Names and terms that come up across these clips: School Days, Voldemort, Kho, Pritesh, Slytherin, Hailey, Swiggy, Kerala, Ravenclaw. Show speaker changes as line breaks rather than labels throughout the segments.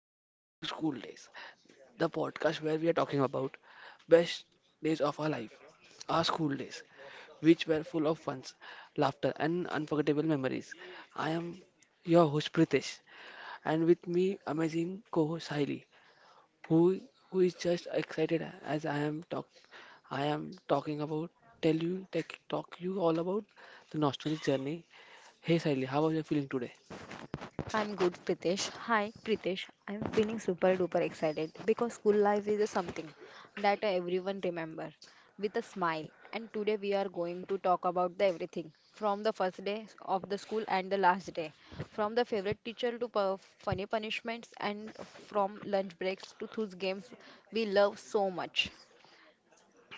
welcome back to School Days, the podcast where we are talking about best days of our life, our school days, which were full of fun, laughter and unforgettable memories. I am your host Pritesh and with me amazing co-host Hailey, who who is just excited as I am talking about talk you all about the nostalgic journey. Hey Hailey, how are you feeling today?
I'm good, Pritesh. Hi, Pritesh. I'm feeling super duper excited because school life is something that everyone remember with a smile. And today we are going to talk about the everything from the first day of the school and the last day, from the favorite teacher to funny punishments, and from lunch breaks to those games we love so much.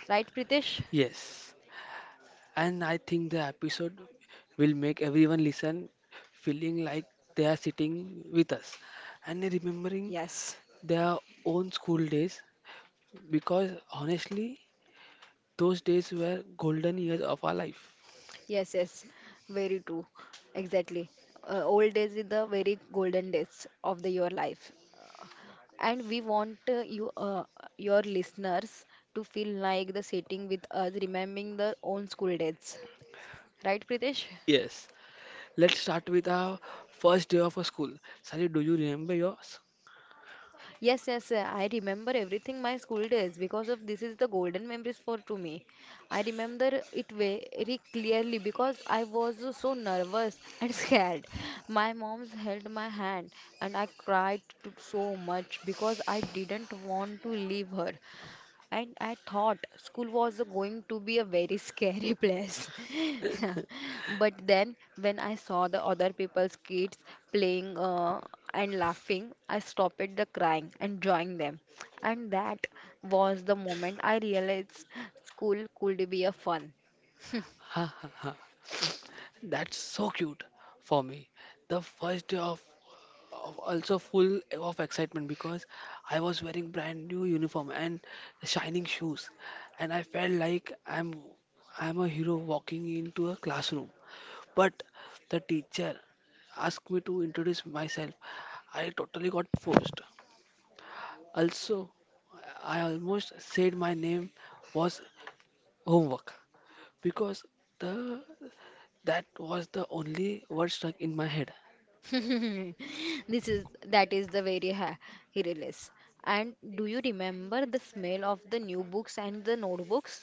Right, Pritesh?
Yes. And I think the episode will make everyone listen feeling like they are sitting with us and remembering
Yes,
their own school days because honestly, those days were golden years of our life.
yes, yes, very true. Exactly. Old days is the very golden days of the your life. And we want your listeners to feel like the sitting with us, remembering their own school days. Right, Pritesh?
Yes, let's start with our first day of a school. Sally, do you remember yours?
Yes, yes, I remember everything my school days because of this is the golden memories for to me. I remember it very clearly because I was so nervous and scared. My mom's held my hand and I cried to, so much because I didn't want to leave her. And I thought school was going to be a very scary place. But then, when I saw the other people's kids playing and laughing, I stopped the crying and joined them. And that was the moment I realized school could be a fun.
Ha ha ha. That's so cute. For me, the first day of also full of excitement because I was wearing brand new uniform and shining shoes, and I felt like I'm a hero walking into a classroom. But the teacher asked me to introduce myself. I totally got forced. Also, I almost said my name was homework because the that was the only word stuck in my head.
This is That is the very ha release. And do you remember the smell of the new books and the notebooks?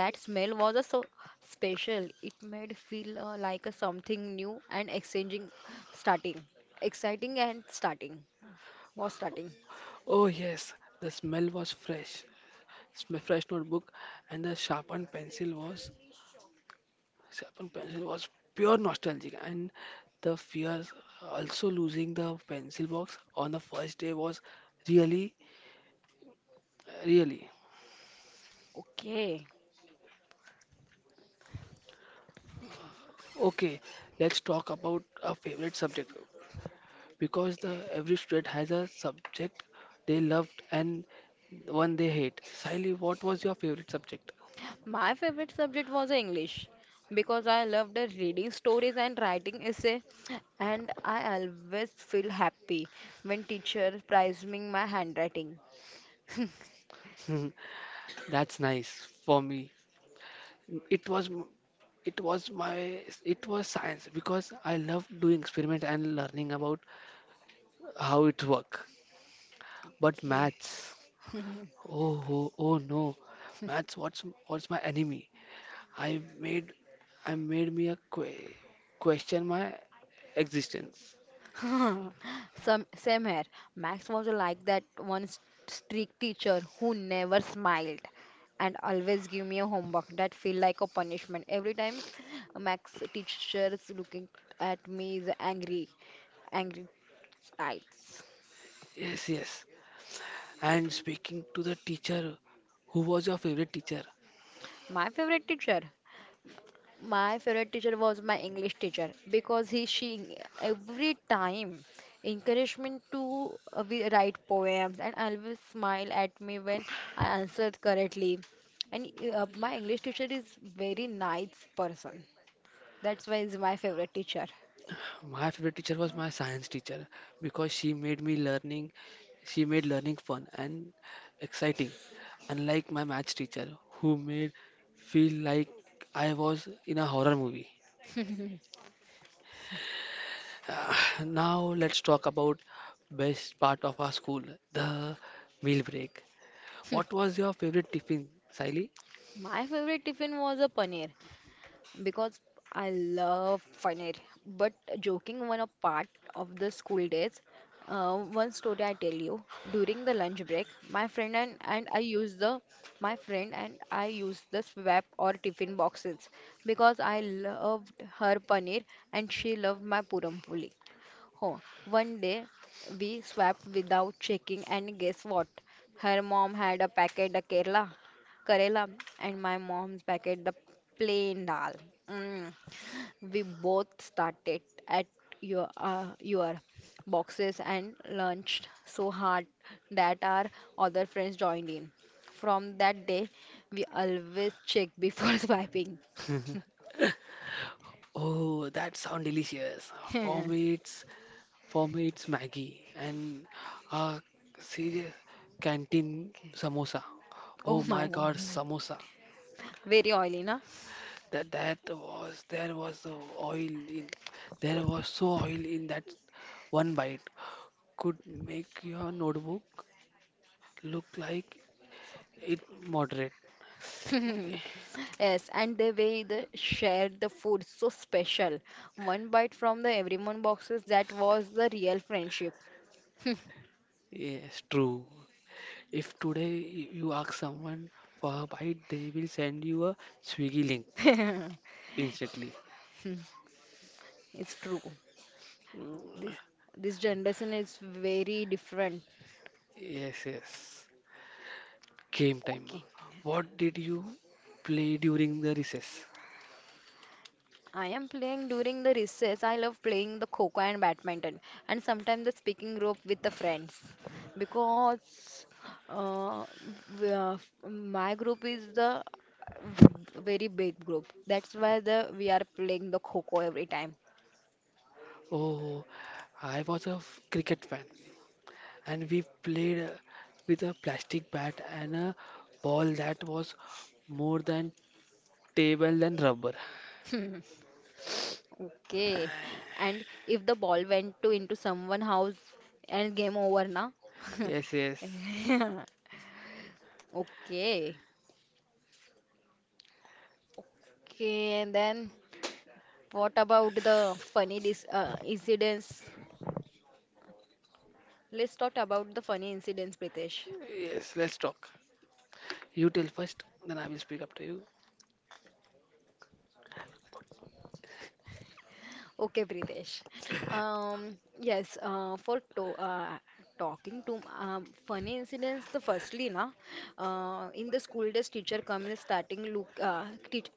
That smell was a so special. It made feel like a something new and exchanging, starting, exciting and starting was starting.
Oh yes, the smell was fresh notebook and the sharpened pencil was pure nostalgic, and the fear also losing the pencil box on the first day was really really.
Okay.
Okay, let's talk about a favorite subject because the every student has a subject they loved and one they hate. Sally, what was your favorite subject?
My favorite subject was English because I loved reading stories and writing essay, and I always feel happy when teacher praised me my handwriting.
That's nice. For me, it was m- it was my it was science because I love doing experiment and learning about how it work. But
Okay.
maths, oh no, maths what's my enemy. i made I made me a question my existence.
Some same here. Max was like that one strict teacher who never smiled and always give me a homework that feel like a punishment. Every time Max teacher's looking at me is angry, angry eyes.
Yes, yes, and speaking to the teacher, who was your favorite teacher?
My favorite teacher My favorite teacher was my English teacher because he she every time encouraged me to write poems and always smile at me when I answered correctly. And my English teacher is very nice person. That's why he's my favorite teacher.
My favorite teacher was my science teacher because she made learning fun and exciting. Unlike my maths teacher who made feel like I was in a horror movie. Now let's talk about best part of our school, the meal break. What was your favorite tiffin, Siley?
My favorite tiffin was a paneer because I love fun it. But joking one a part of the school days, one story I tell you. During the lunch break, my friend and I used the swap or tiffin boxes because I loved her paneer and she loved my puram puli. Huh. One day we swapped without checking, and guess what? Her mom had a packet of Kerala, and my mom's packet the plain dal. Mm. We both started at your boxes and lunched so hard that our other friends joined in. From that day, we always check before swiping.
Oh, that sound delicious. For
Oh
me, it's For me, it's Maggie and a serious canteen samosa. Oh
my
my God,
God,
samosa!
very oily, na?
That was oil in there was so oil in that one bite could make your notebook look like it moderate.
Yes, and the way they shared the food so special. One bite from the everyone boxes, that was the real friendship.
Yes, true. If today you ask someone for a bite, they will send you a Swiggy link instantly.
It's true.
Mm,
This this generation is very different.
yes, yes. Game time. What did you play during the recess?
I am playing during the recess. I love playing the Kho and badminton and sometimes the speaking rope with the friends because uh, w- uh, my group is the very big group. That's why the we are playing the Kho every time.
Oh, I was a cricket fan and we played with a plastic bat and a ball that was more than table than rubber.
Okay. And if the ball went to into someone house and game over na?
Yes, yes.
Okay. Okay, and then what about the funny dis incidents? Let's talk about the funny incidents, Pritesh.
Yes, let's talk. You tell first, then I will speak after you.
Okay, Pritesh. Yes, for to talking to funny incidents, the firstly, na, in the school days, teacher comes starting look teach.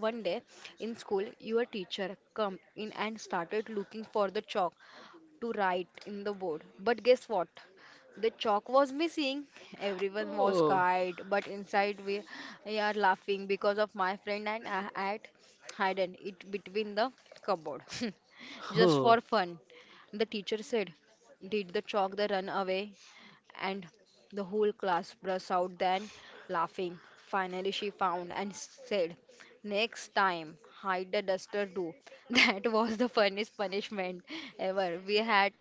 One day in school, your teacher come in and started looking for the chalk to write in the board. But guess what? The chalk was missing. Everyone was
Oh,
scared, but inside we are laughing because of my friend and I had hidden it between the cupboard. Just for
oh,
fun. The teacher said, "Did the chalk the run away?" And the whole class burst out then laughing. Finally, she found and said, "Next time, hide the duster too." That was the funniest punishment ever. We had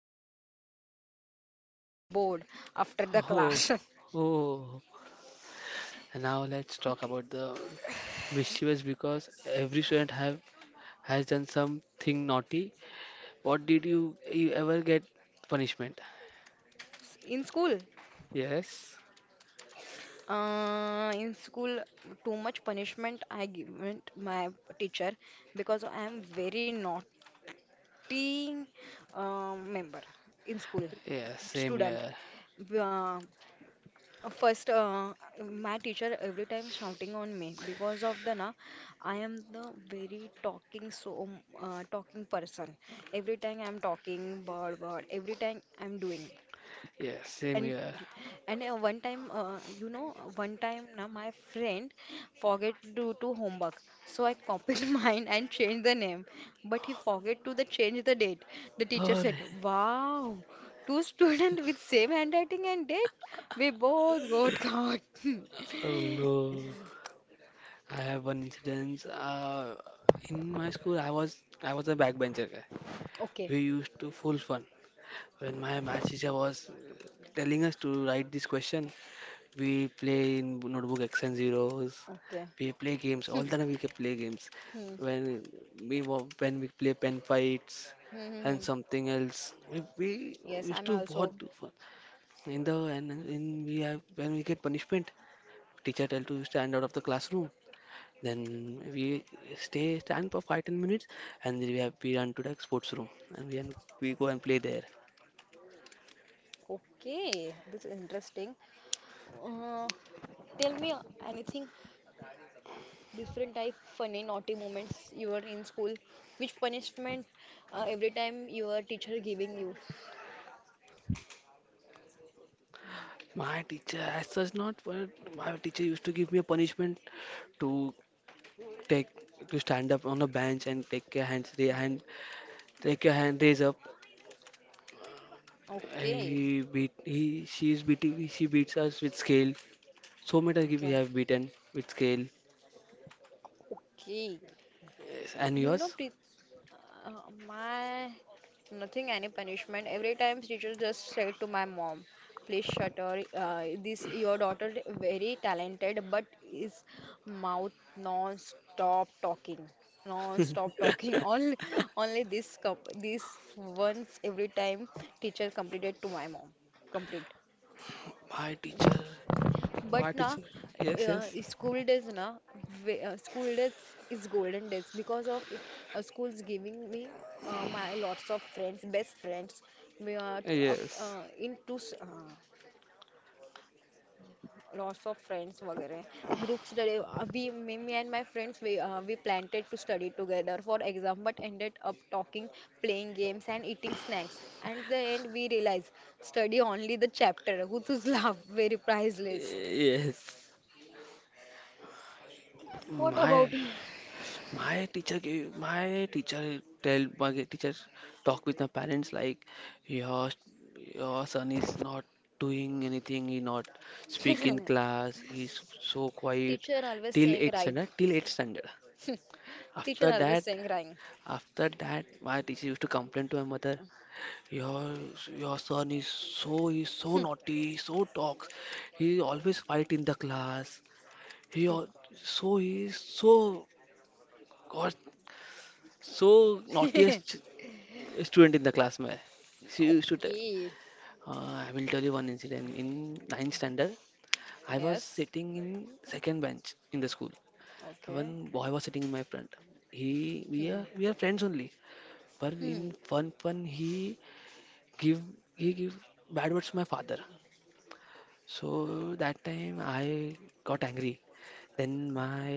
cleaned the whole blackboard after the
oh,
class.
oh. And now let's talk
Okay.
about the mischievous because every student have has done something naughty. What did you ever get punishment?
In school,
Yes,
in school, too much punishment I given to my teacher because I am very naughty member in school
yes, same
student.
year.
B- Uh, First, my teacher every time shouting on me because of the na, I am the very talking so talking person. Every time I'm talking, bird, bird. Every time I'm doing.
Yes, same
And
year.
and one time, now my friend forget to do to homework, so I copied mine and changed the name, but he forget to the change the date. The teacher
Oh,
said, "Wow, two students with same handwriting and date, we both got caught."
oh no. I have one incident. In my school, I was a backbencher guy.
Okay,
We used to full fun when my math teacher was telling us to write this question. We play in notebook X and zeros.
okay.
We play games all the time. We can play games
Hmm,
when when we play pen fights
hmm, hmm,
and
hmm.
something else. We
Yes,
used
I'm
to what
also
in the and in we have when we get punishment, teacher tell to stand out of the classroom. Then we stay stand for 5-10 minutes and then we run to the sports room and we go and play there.
okay. This is interesting. Uh, Tell me anything different type funny naughty moments you were in school, which punishment every time your teacher giving you.
My teacher as such not, but my teacher used to give me a punishment to take to stand up on a bench and take your hands ra- hand take your hand raise up.
Okay,
He beat he she's beating She beats us with scale. So many times we
okay.
have beaten with scale.
Okay,
Yes, and
you know
yours?
Preet, my nothing any punishment every time teacher just said to my mom, please shut her this your daughter very talented but is mouth non-stop talking
my
only. This this once every time teacher completed to my mom complete
teacher
but
my
na.
teacher. Yes, yes,
School days na, school days is golden days because of schools giving me my lots of friends, best friends. We are
yes,
lots of friends वगैरह group study, we me and my friends, we planted to study together for exam but ended up talking, playing games and eating snacks, and the end we realized study only the chapter whose love very priceless.
yes.
What
my
about you?
My teacher gave my teacher talk with my parents like your your son is not doing anything, he not speak in class, he's so quiet
Teacher always
till
saying
eight
right.
standard, till eight standard.
Teacher
After
always
that,
saying right.
after that, my teacher used to complain to my mother, your your son is so he's so naughty, so talks, he always fight in the class. He al- so he is so God so naughtiest student in the class. My she used to tell.
Okay.
I will tell you one incident. In ninth standard, I was
Yes.
sitting in second bench in the school.
Okay.
One boy was sitting in my front. He
Hmm.
we are friends only. But
Hmm.
in one fun give he give bad words to my father. So that time I got angry. Then my
Okay.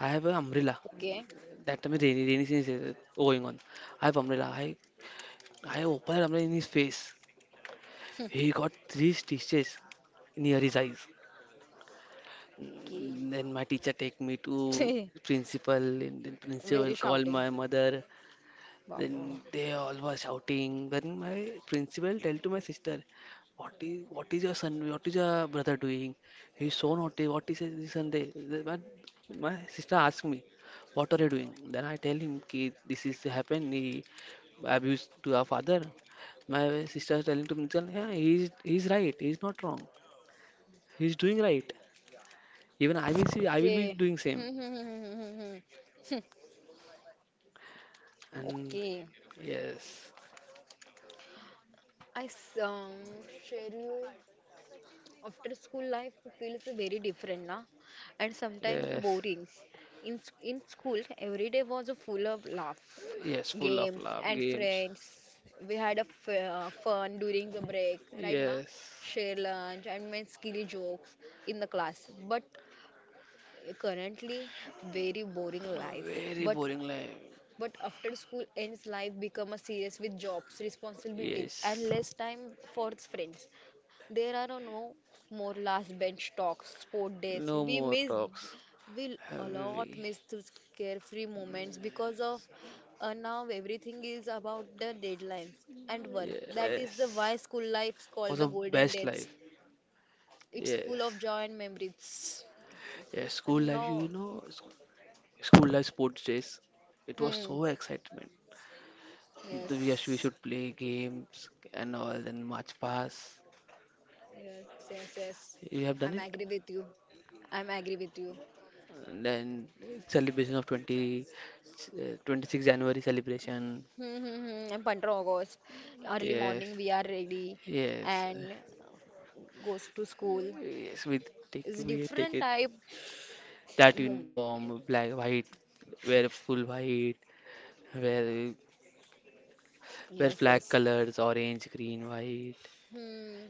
I have an umbrella.
Okay.
That time rainy season is going on. I have umbrella. I opened umbrella in his face. He got three stitches near his eyes. Mm, then my teacher take me to
Okay.
principal, and then
Very
principal call
shouting.
my mother.
Wow, wow,
Then
wow.
they all were shouting. Then my principal tell to my sister, "What is your son? What is your brother doing? He's so naughty. What is his Sunday?" Then my sister asked me, "What are you doing?" Then I tell him, "Ki this is happened. He abused to our father." My sister is telling to me, "Yeah, he's right. He's not wrong." He's doing right. Even I will see, I will
Okay.
be doing
Hmm,
same.
hmm, hmm, hmm, hmm, hmm. Hmm. Hmm.
And
Okay.
yes,
I s- um, Share you. After school life feels very different na, and sometimes
yes,
boring. In school, every day was full of laugh,
yes, full of
games, and
love games.
friends. We had a f fun during the break, right now,
Yes,
share lunch and make silly jokes in the class. But currently, very boring
no,
life.
very
But
boring life.
but after school ends, life become a serious with jobs, responsibilities, and
Yes,
less time for friends. There are no more last bench talks, sport days.
no more talks.
We a lot
Heavy.
miss those carefree moments because of now everything is about the deadlines and work. That is the why
Yes,
school life's called
was
the
the
golden
best
days.
life.
It's full
Yes,
of joy and memories.
yes, school life. You
No,
know, school life sports days. It was
hmm,
so excitement. We
yes,
should play games and all, then match pass.
yes, yes, yes.
You have
I'm
done
agree
it?
with you. I'm agree with you.
And then celebration of 20, 26th January celebration.
Hmm, hmm, hmm. And 15 August, early
Yes,
morning we are ready
yes,
and goes to school.
yes.
It's
We
different
take it
type
that
moment.
uniform, black, white, wear full white, wear wear
Yes,
flag
yes.
colors, orange, green, white.
Hmm.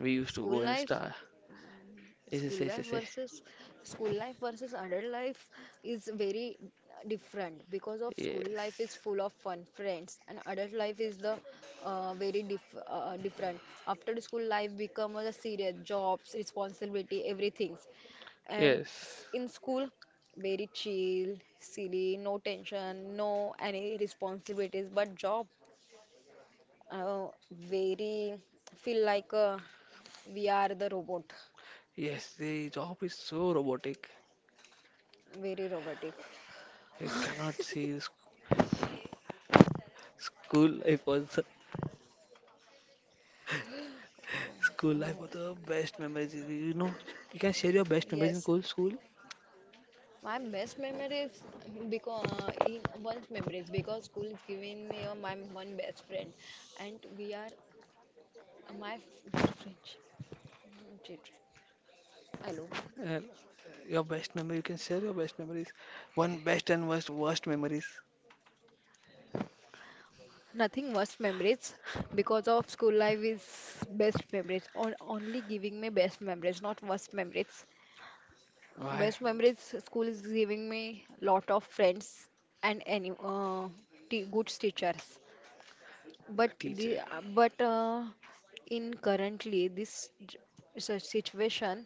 We used to
School
go and
life
star. Yes,
School
yes,
life
yes, yes.
versus school life versus adult life is very different because of
Yes,
school life is
yes,
full of fun friends and adult life is the very different. After the school life become a serious jobs, responsibility, everything. And
yes.
in school, very chill, silly, no tension, no any responsibilities. But job, very feel like we are the robot,
Yes. The job is so robotic.
very robotic.
You cannot see school life was school
Uh,
life were the best memories. You know, you can share your best memories
yes,
in cool school.
my best memories because in one's memories because school is giving me my one best friend, and we are my friendship. Hello.
And your best memory, you can share your best memories. One best and worst, worst memories.
Nothing worse memories because of school life is best memories. On only giving me best memories, not worst memories.
Why?
Best memories school is giving me lot of friends and any good teachers. But the
Teacher.
uh, but uh, in currently this situation,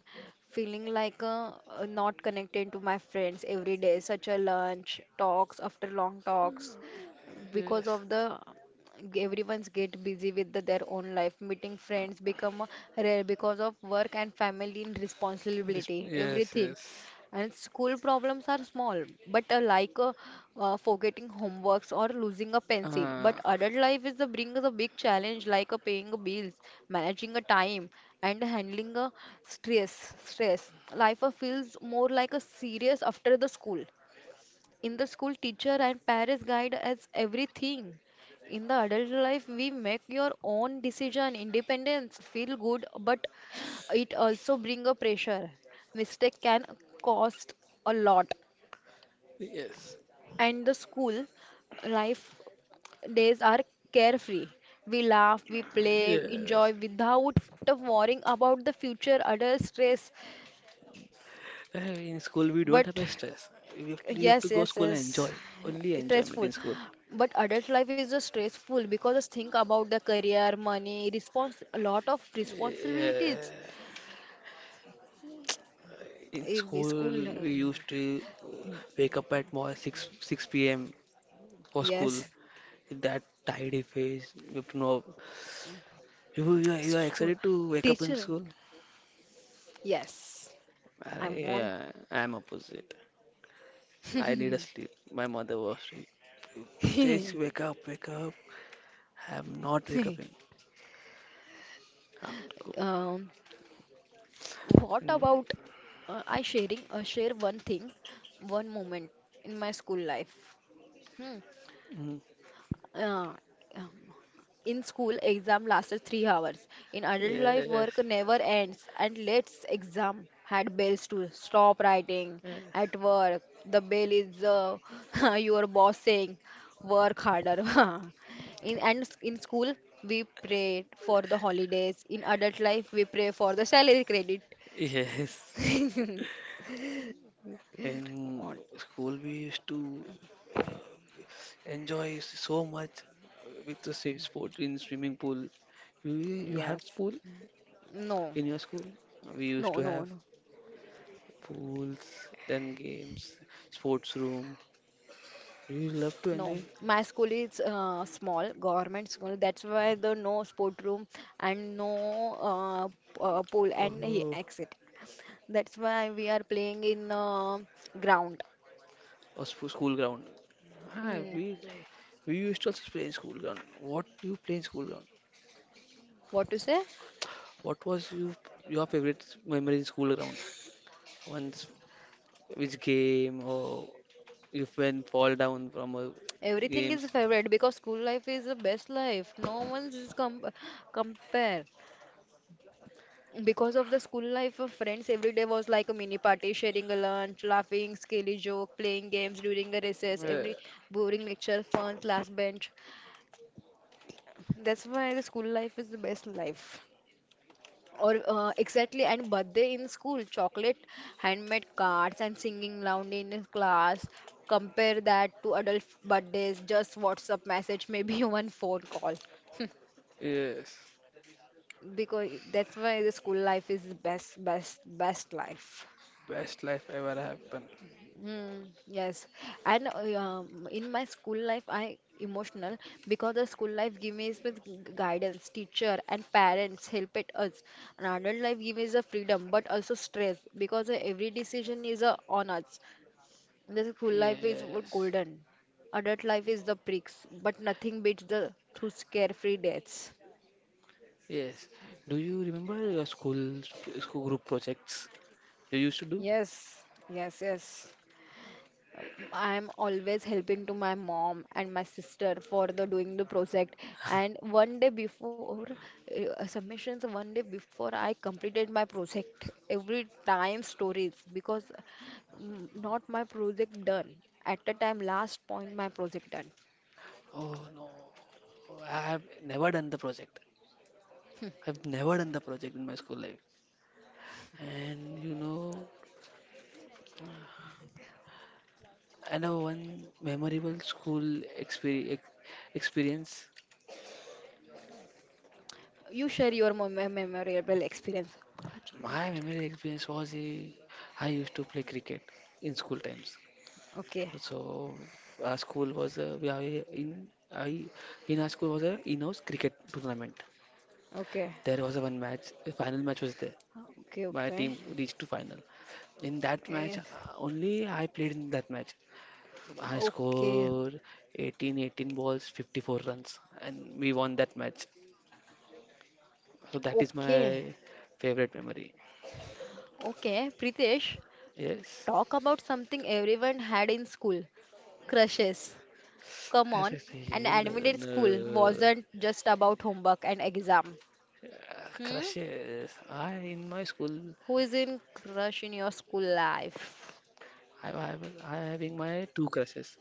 feeling like not connected to my friends every day, such a lunch talks after long talks, because
Yes.
of the everyone's get busy with their own life. Meeting friends become rare because of work and family and
Resp-
responsibility,
yes,
everything.
yes.
And school problems are small, but like forgetting homeworks or losing a pencil.
Uh,
But adult life is the brings a big challenge like paying bills, managing a time, and handling a stress. Stress. Life feels more like a serious after the school. In the school, teacher and parents guide us everything. In the adult life, we make your own decision. Independence feel good, but it also bring a pressure. Mistake can cost a lot.
yes.
And the school life days are carefree. We laugh, we play,
Yes.
enjoy without worrying about the future, adult stress.
In school, we
But
don't have a stress. You have
Yes,
to go
yes,
school and
yes.
enjoy. Only enjoyment
Stressful.
in school.
But adult life is just stressful because just think about the career, money, response, a lot of
Yeah.
responsibilities.
In
If we
school,
school,
we used to wake up at more 6 p.m. for school.
yes,
That tidy face, you know, you are
school,
excited to wake up in
teacher,
school?
yes. I want.
I am opposite. I need a sleep. My mother was saying, Pritesh, wake up, wake up. I am not wake up. I have to go.
um, what
And,
about I sharing? Share one thing, one moment in my school life. Hmm.
mm,
uh, In school, exam lasted 3 hours. In adult life,
yes,
work never ends. And let's exam had bells to stop writing.
yes,
At work, the bell is your boss saying, work harder. In school, we pray for the holidays. In adult life, we pray for the salary credit.
yes. In
Oh,
school, we used to uh, enjoy so much with the same sport in swimming pool. You have
yes.
pool
No.
in your school? We used
No.
to
No.
have
No.
pools, then games, sports room. You love to
No,
enjoy.
my school is small government school. That's why the no sport room and no pool and he
Oh,
exit. That's why we are playing in ground.
school ground. Ah,
Mm,
we used to also play in school ground. What you play in school ground?
what to say?
What was you your favorite memory in school ground? Once which game or if when fall down from
Everything is
games?
favorite because school life is the best life. No one's is compare. Because of the school life, friends every day was like a mini party, sharing a lunch, laughing, silly joke, playing games during the recess,
Yeah,
every boring lecture, fun, class bench. That's why the school life is the best life. Or exactly, and birthday in school, chocolate, handmade cards, and singing loud in his class. Compare that to adult birthdays, just WhatsApp message, maybe one phone call.
yes,
Because that's why the school life is the best, best, best life.
best life ever happened.
Mm, yes, and in my school life, I emotional because the school life give me is with guidance, teacher, and parents help it us. And adult life give us the freedom, but also stress because every decision is on us. The school life is
Yes,
golden, adult life is the pricks, but nothing beats the two carefree days.
yes. Do you remember your school group projects you used to do?
Yes, yes, yes. I'm always helping to my mom and my sister for the doing the project. And one day before submissions, one day before I completed my project, every time stories because not my project done at the time last point my project done.
Oh no, I've never done the project. I've never done the project in my school life. And you know, I know one memorable school exper- ex- experience.
You share your memorable experience.
My memorable experience was a, I used to play cricket in school times.
Okay,
So our school was a, we are in I in our school was a in-house cricket tournament.
okay,
There was a one match, a final match was there.
okay,
My
okay.
team reached to final in that match
Yes,
only I played in that match. I
okay,
scored 18 balls, 54 runs, and we won that match. So that is
okay,
my favorite memory.
okay. Pritesh.
Yes.
Talk about something everyone had in school, crushes. Come
As I
on,
say,
an
n-
admitted school
n-
wasn't just about homework and exam. Hmm?
crushes. I in my school,
Who is in crush in your school life?
I having my two crushes.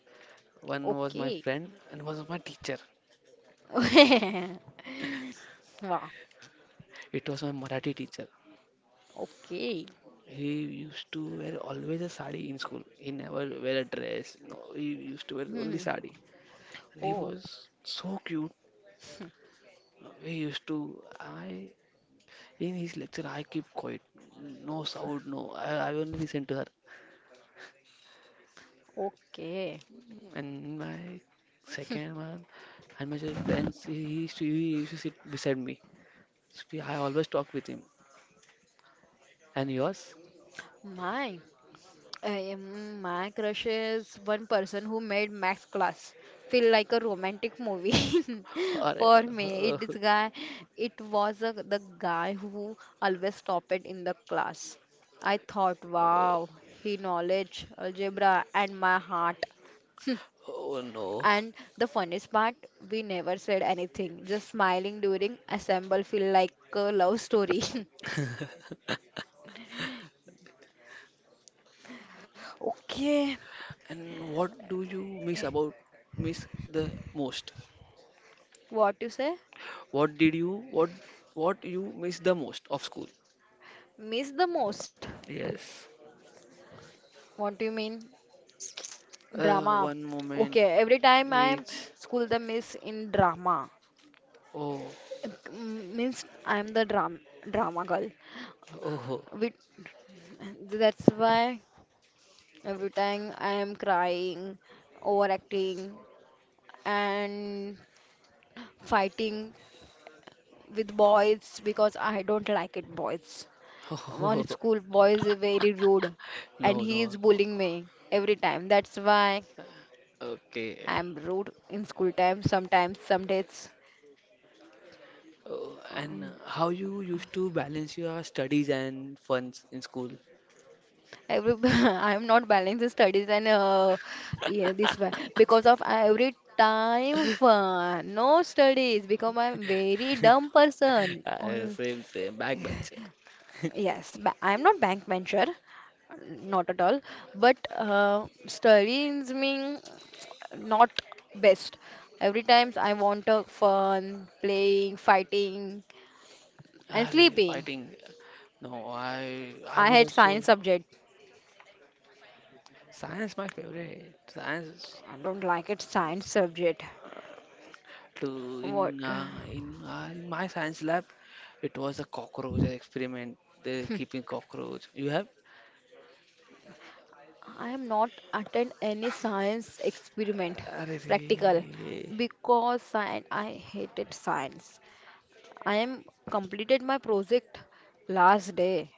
One was my
Okay.
friend, and was my teacher.
Wow.
It was my Marathi teacher.
Okay.
He used to wear always a sari in school. He never wear a dress. No, he used to wear only
Hmm.
sari, and he
Oh.
was so cute. He used to. I in his lecture I keep quiet. No sound. No. I won't listen to her.
Okay.
And my second one and my friends. He used to sit beside me. So I always talk with him. And yours?
My. My crush is one person who made Max Class feel like a romantic movie
Are-
for me.
uh,
It is guy, it was a, the guy who always topped it in the class. I thought,
uh,
wow, he knowledge algebra and my heart.
oh no.
And the funniest part, we never said anything, just smiling during assemble feel like a love story. Okay,
And what do you miss about miss the most?
what you say?
What did you what what you miss the most of school?
Miss the most.
Yes.
What do you mean? Drama.
One moment
Okay, every time I am
which
school the miss in drama.
oh.
Mm, means I am the drama girl.
Oh,
With that's why every time I am crying, overacting and fighting with boys because I don't like it boys. On school boys are very rude and
no,
he is
no, no.
bullying me every time. That's why
Okay.
I am rude in school time sometimes some days.
Oh, and
Um,
how you used to balance your studies and funs in school?
every I'm not balancing studies and yeah, this one because of every time fun, no studies because I'm very dumb person. All
Same, same. Backbencher.
yes, I'm not bank manager, not at all. But studies mean not best. Every times I want a fun, playing, fighting,
Ah,
and
really?
sleeping.
Fighting. No, I
I
was
had science
also
subject.
science my favorite. Science
I don't like it science subject.
to
What?
in my science lab, it was a cockroach experiment. They keeping cockroach. You have?
I am not attend any science experiment practical
Arey,
because science, I hated science. I am completed my project last day.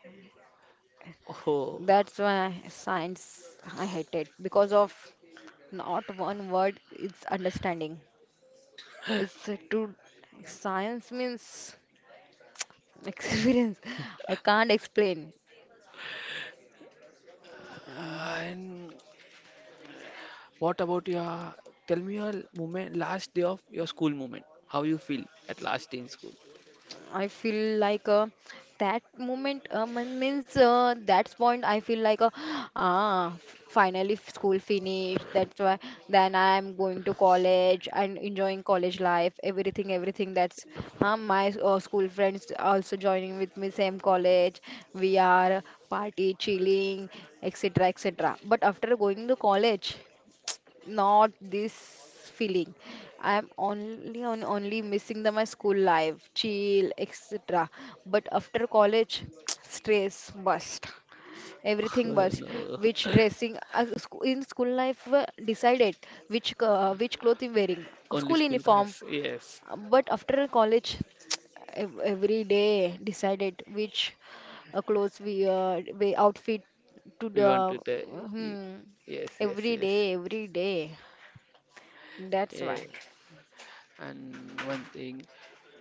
oh,
That's why science I hated because of not one word it's understanding. It's to science means experience. I can't explain. Mm.
and what about your, tell me your moment, last day of your school moment. How you feel at last day in school?
I feel like that moment means that point I feel like ah finally school finished, that's why then I'm going to college and enjoying college life, everything, everything. That's huh, my school friends also joining with me same college, we are party chilling, etc, etc. But after going to college, not this feeling, I'm only on only missing the my school life, chill, etc. But after college stress bust. Everything
Oh,
bust.
no.
Which dressing as a in school life decided which which clothes I'm wearing,
Only
school
school
uniform.
dress. Yes.
But after college every day decided which clothes we outfit to
We
the
want to tell you.
hmm,
Yes, yes,
every
yes.
day, every day, that's
Yeah.
why
And one thing,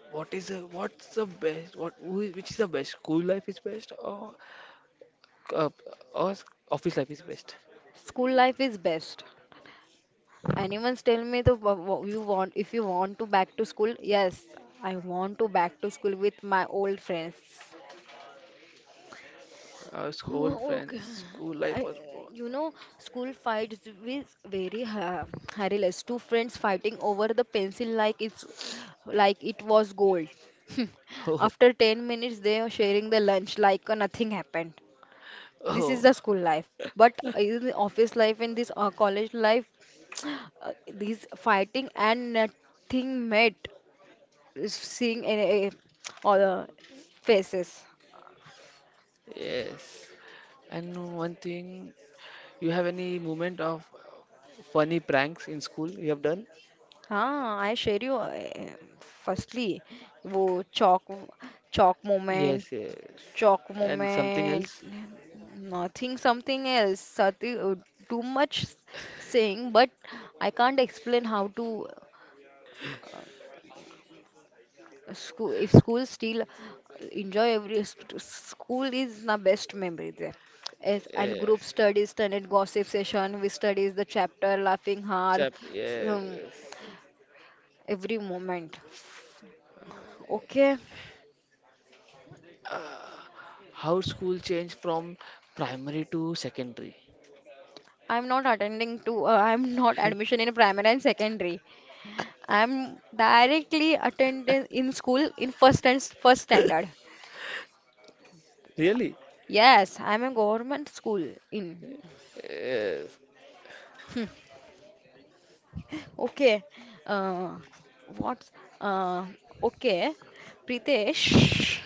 what is the, what's the best, what, who is, which is the best? School life is best uh, or office life is best?
school life is best. Anyone tell me the you want, if you want to back to school? Yes, I want to back to school with my old friends.
Our school
Oh, okay.
friends, school life
I,
was,
you know, school fights with very ha hilarious. Two friends fighting over the pencil like it's like it was gold.
oh,
After 10 minutes, they are sharing the lunch like nothing happened. This is
oh,
the school life, but in the office life and this college life these fighting and nothing met is seeing a, all the faces.
yes. And one thing, you have any moment of funny pranks in school you have done?
हाँ I share you, firstly, वो chalk, chalk moment,
Yes, yes.
chalk
And something
moment,
else?
nothing something else Sati, too much saying but I can't explain how to school, if school still enjoy every school is my best memory there. Yes, and group
Yes.
studies, standard gossip session, we studies the chapter, laughing hard,
Chap,
um,
yes.
every moment. Okay,
Ah, how school changed from primary to secondary?
I'm not attending to. I'm not admission in primary and secondary. I'm directly attending in school in first and first standard.
Really?
Yes, I'm a government school in.
Yes.
Okay. Uh, what's uh, okay, Pritesh?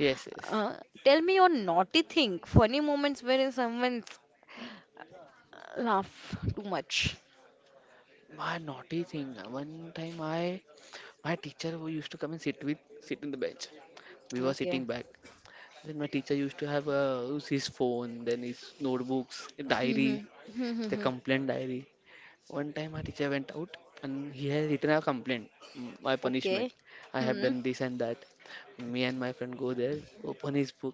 Yes, yes.
Uh, tell me your naughty thing, funny moments wherein someone laugh too much.
My naughty thing. One time I my teacher who used to come and sit with sit in the bench. We were
Okay.
sitting back. Then my teacher used to have use his phone, then his notebooks, diary,
Hmm.
the
Hmm.
complaint diary. One time my teacher went out and he has written a complaint, my punishment.
Okay.
I have
Hmm.
done this and that. Me and my friend go there, open his book,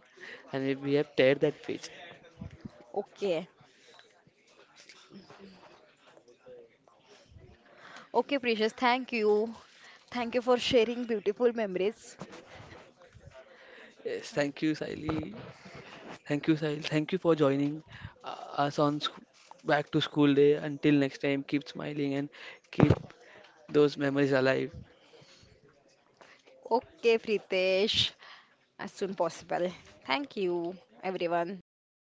and we have teared that page.
Okay. Okay, Precious. Thank you. Thank you for sharing beautiful memories.
Yes, thank you, Siley. Thank you, Sahil. Thank you for joining us on back to school day. Until next time, keep smiling and keep those memories alive.
Okay, Pritesh. As soon possible. Thank you, everyone. Thank you.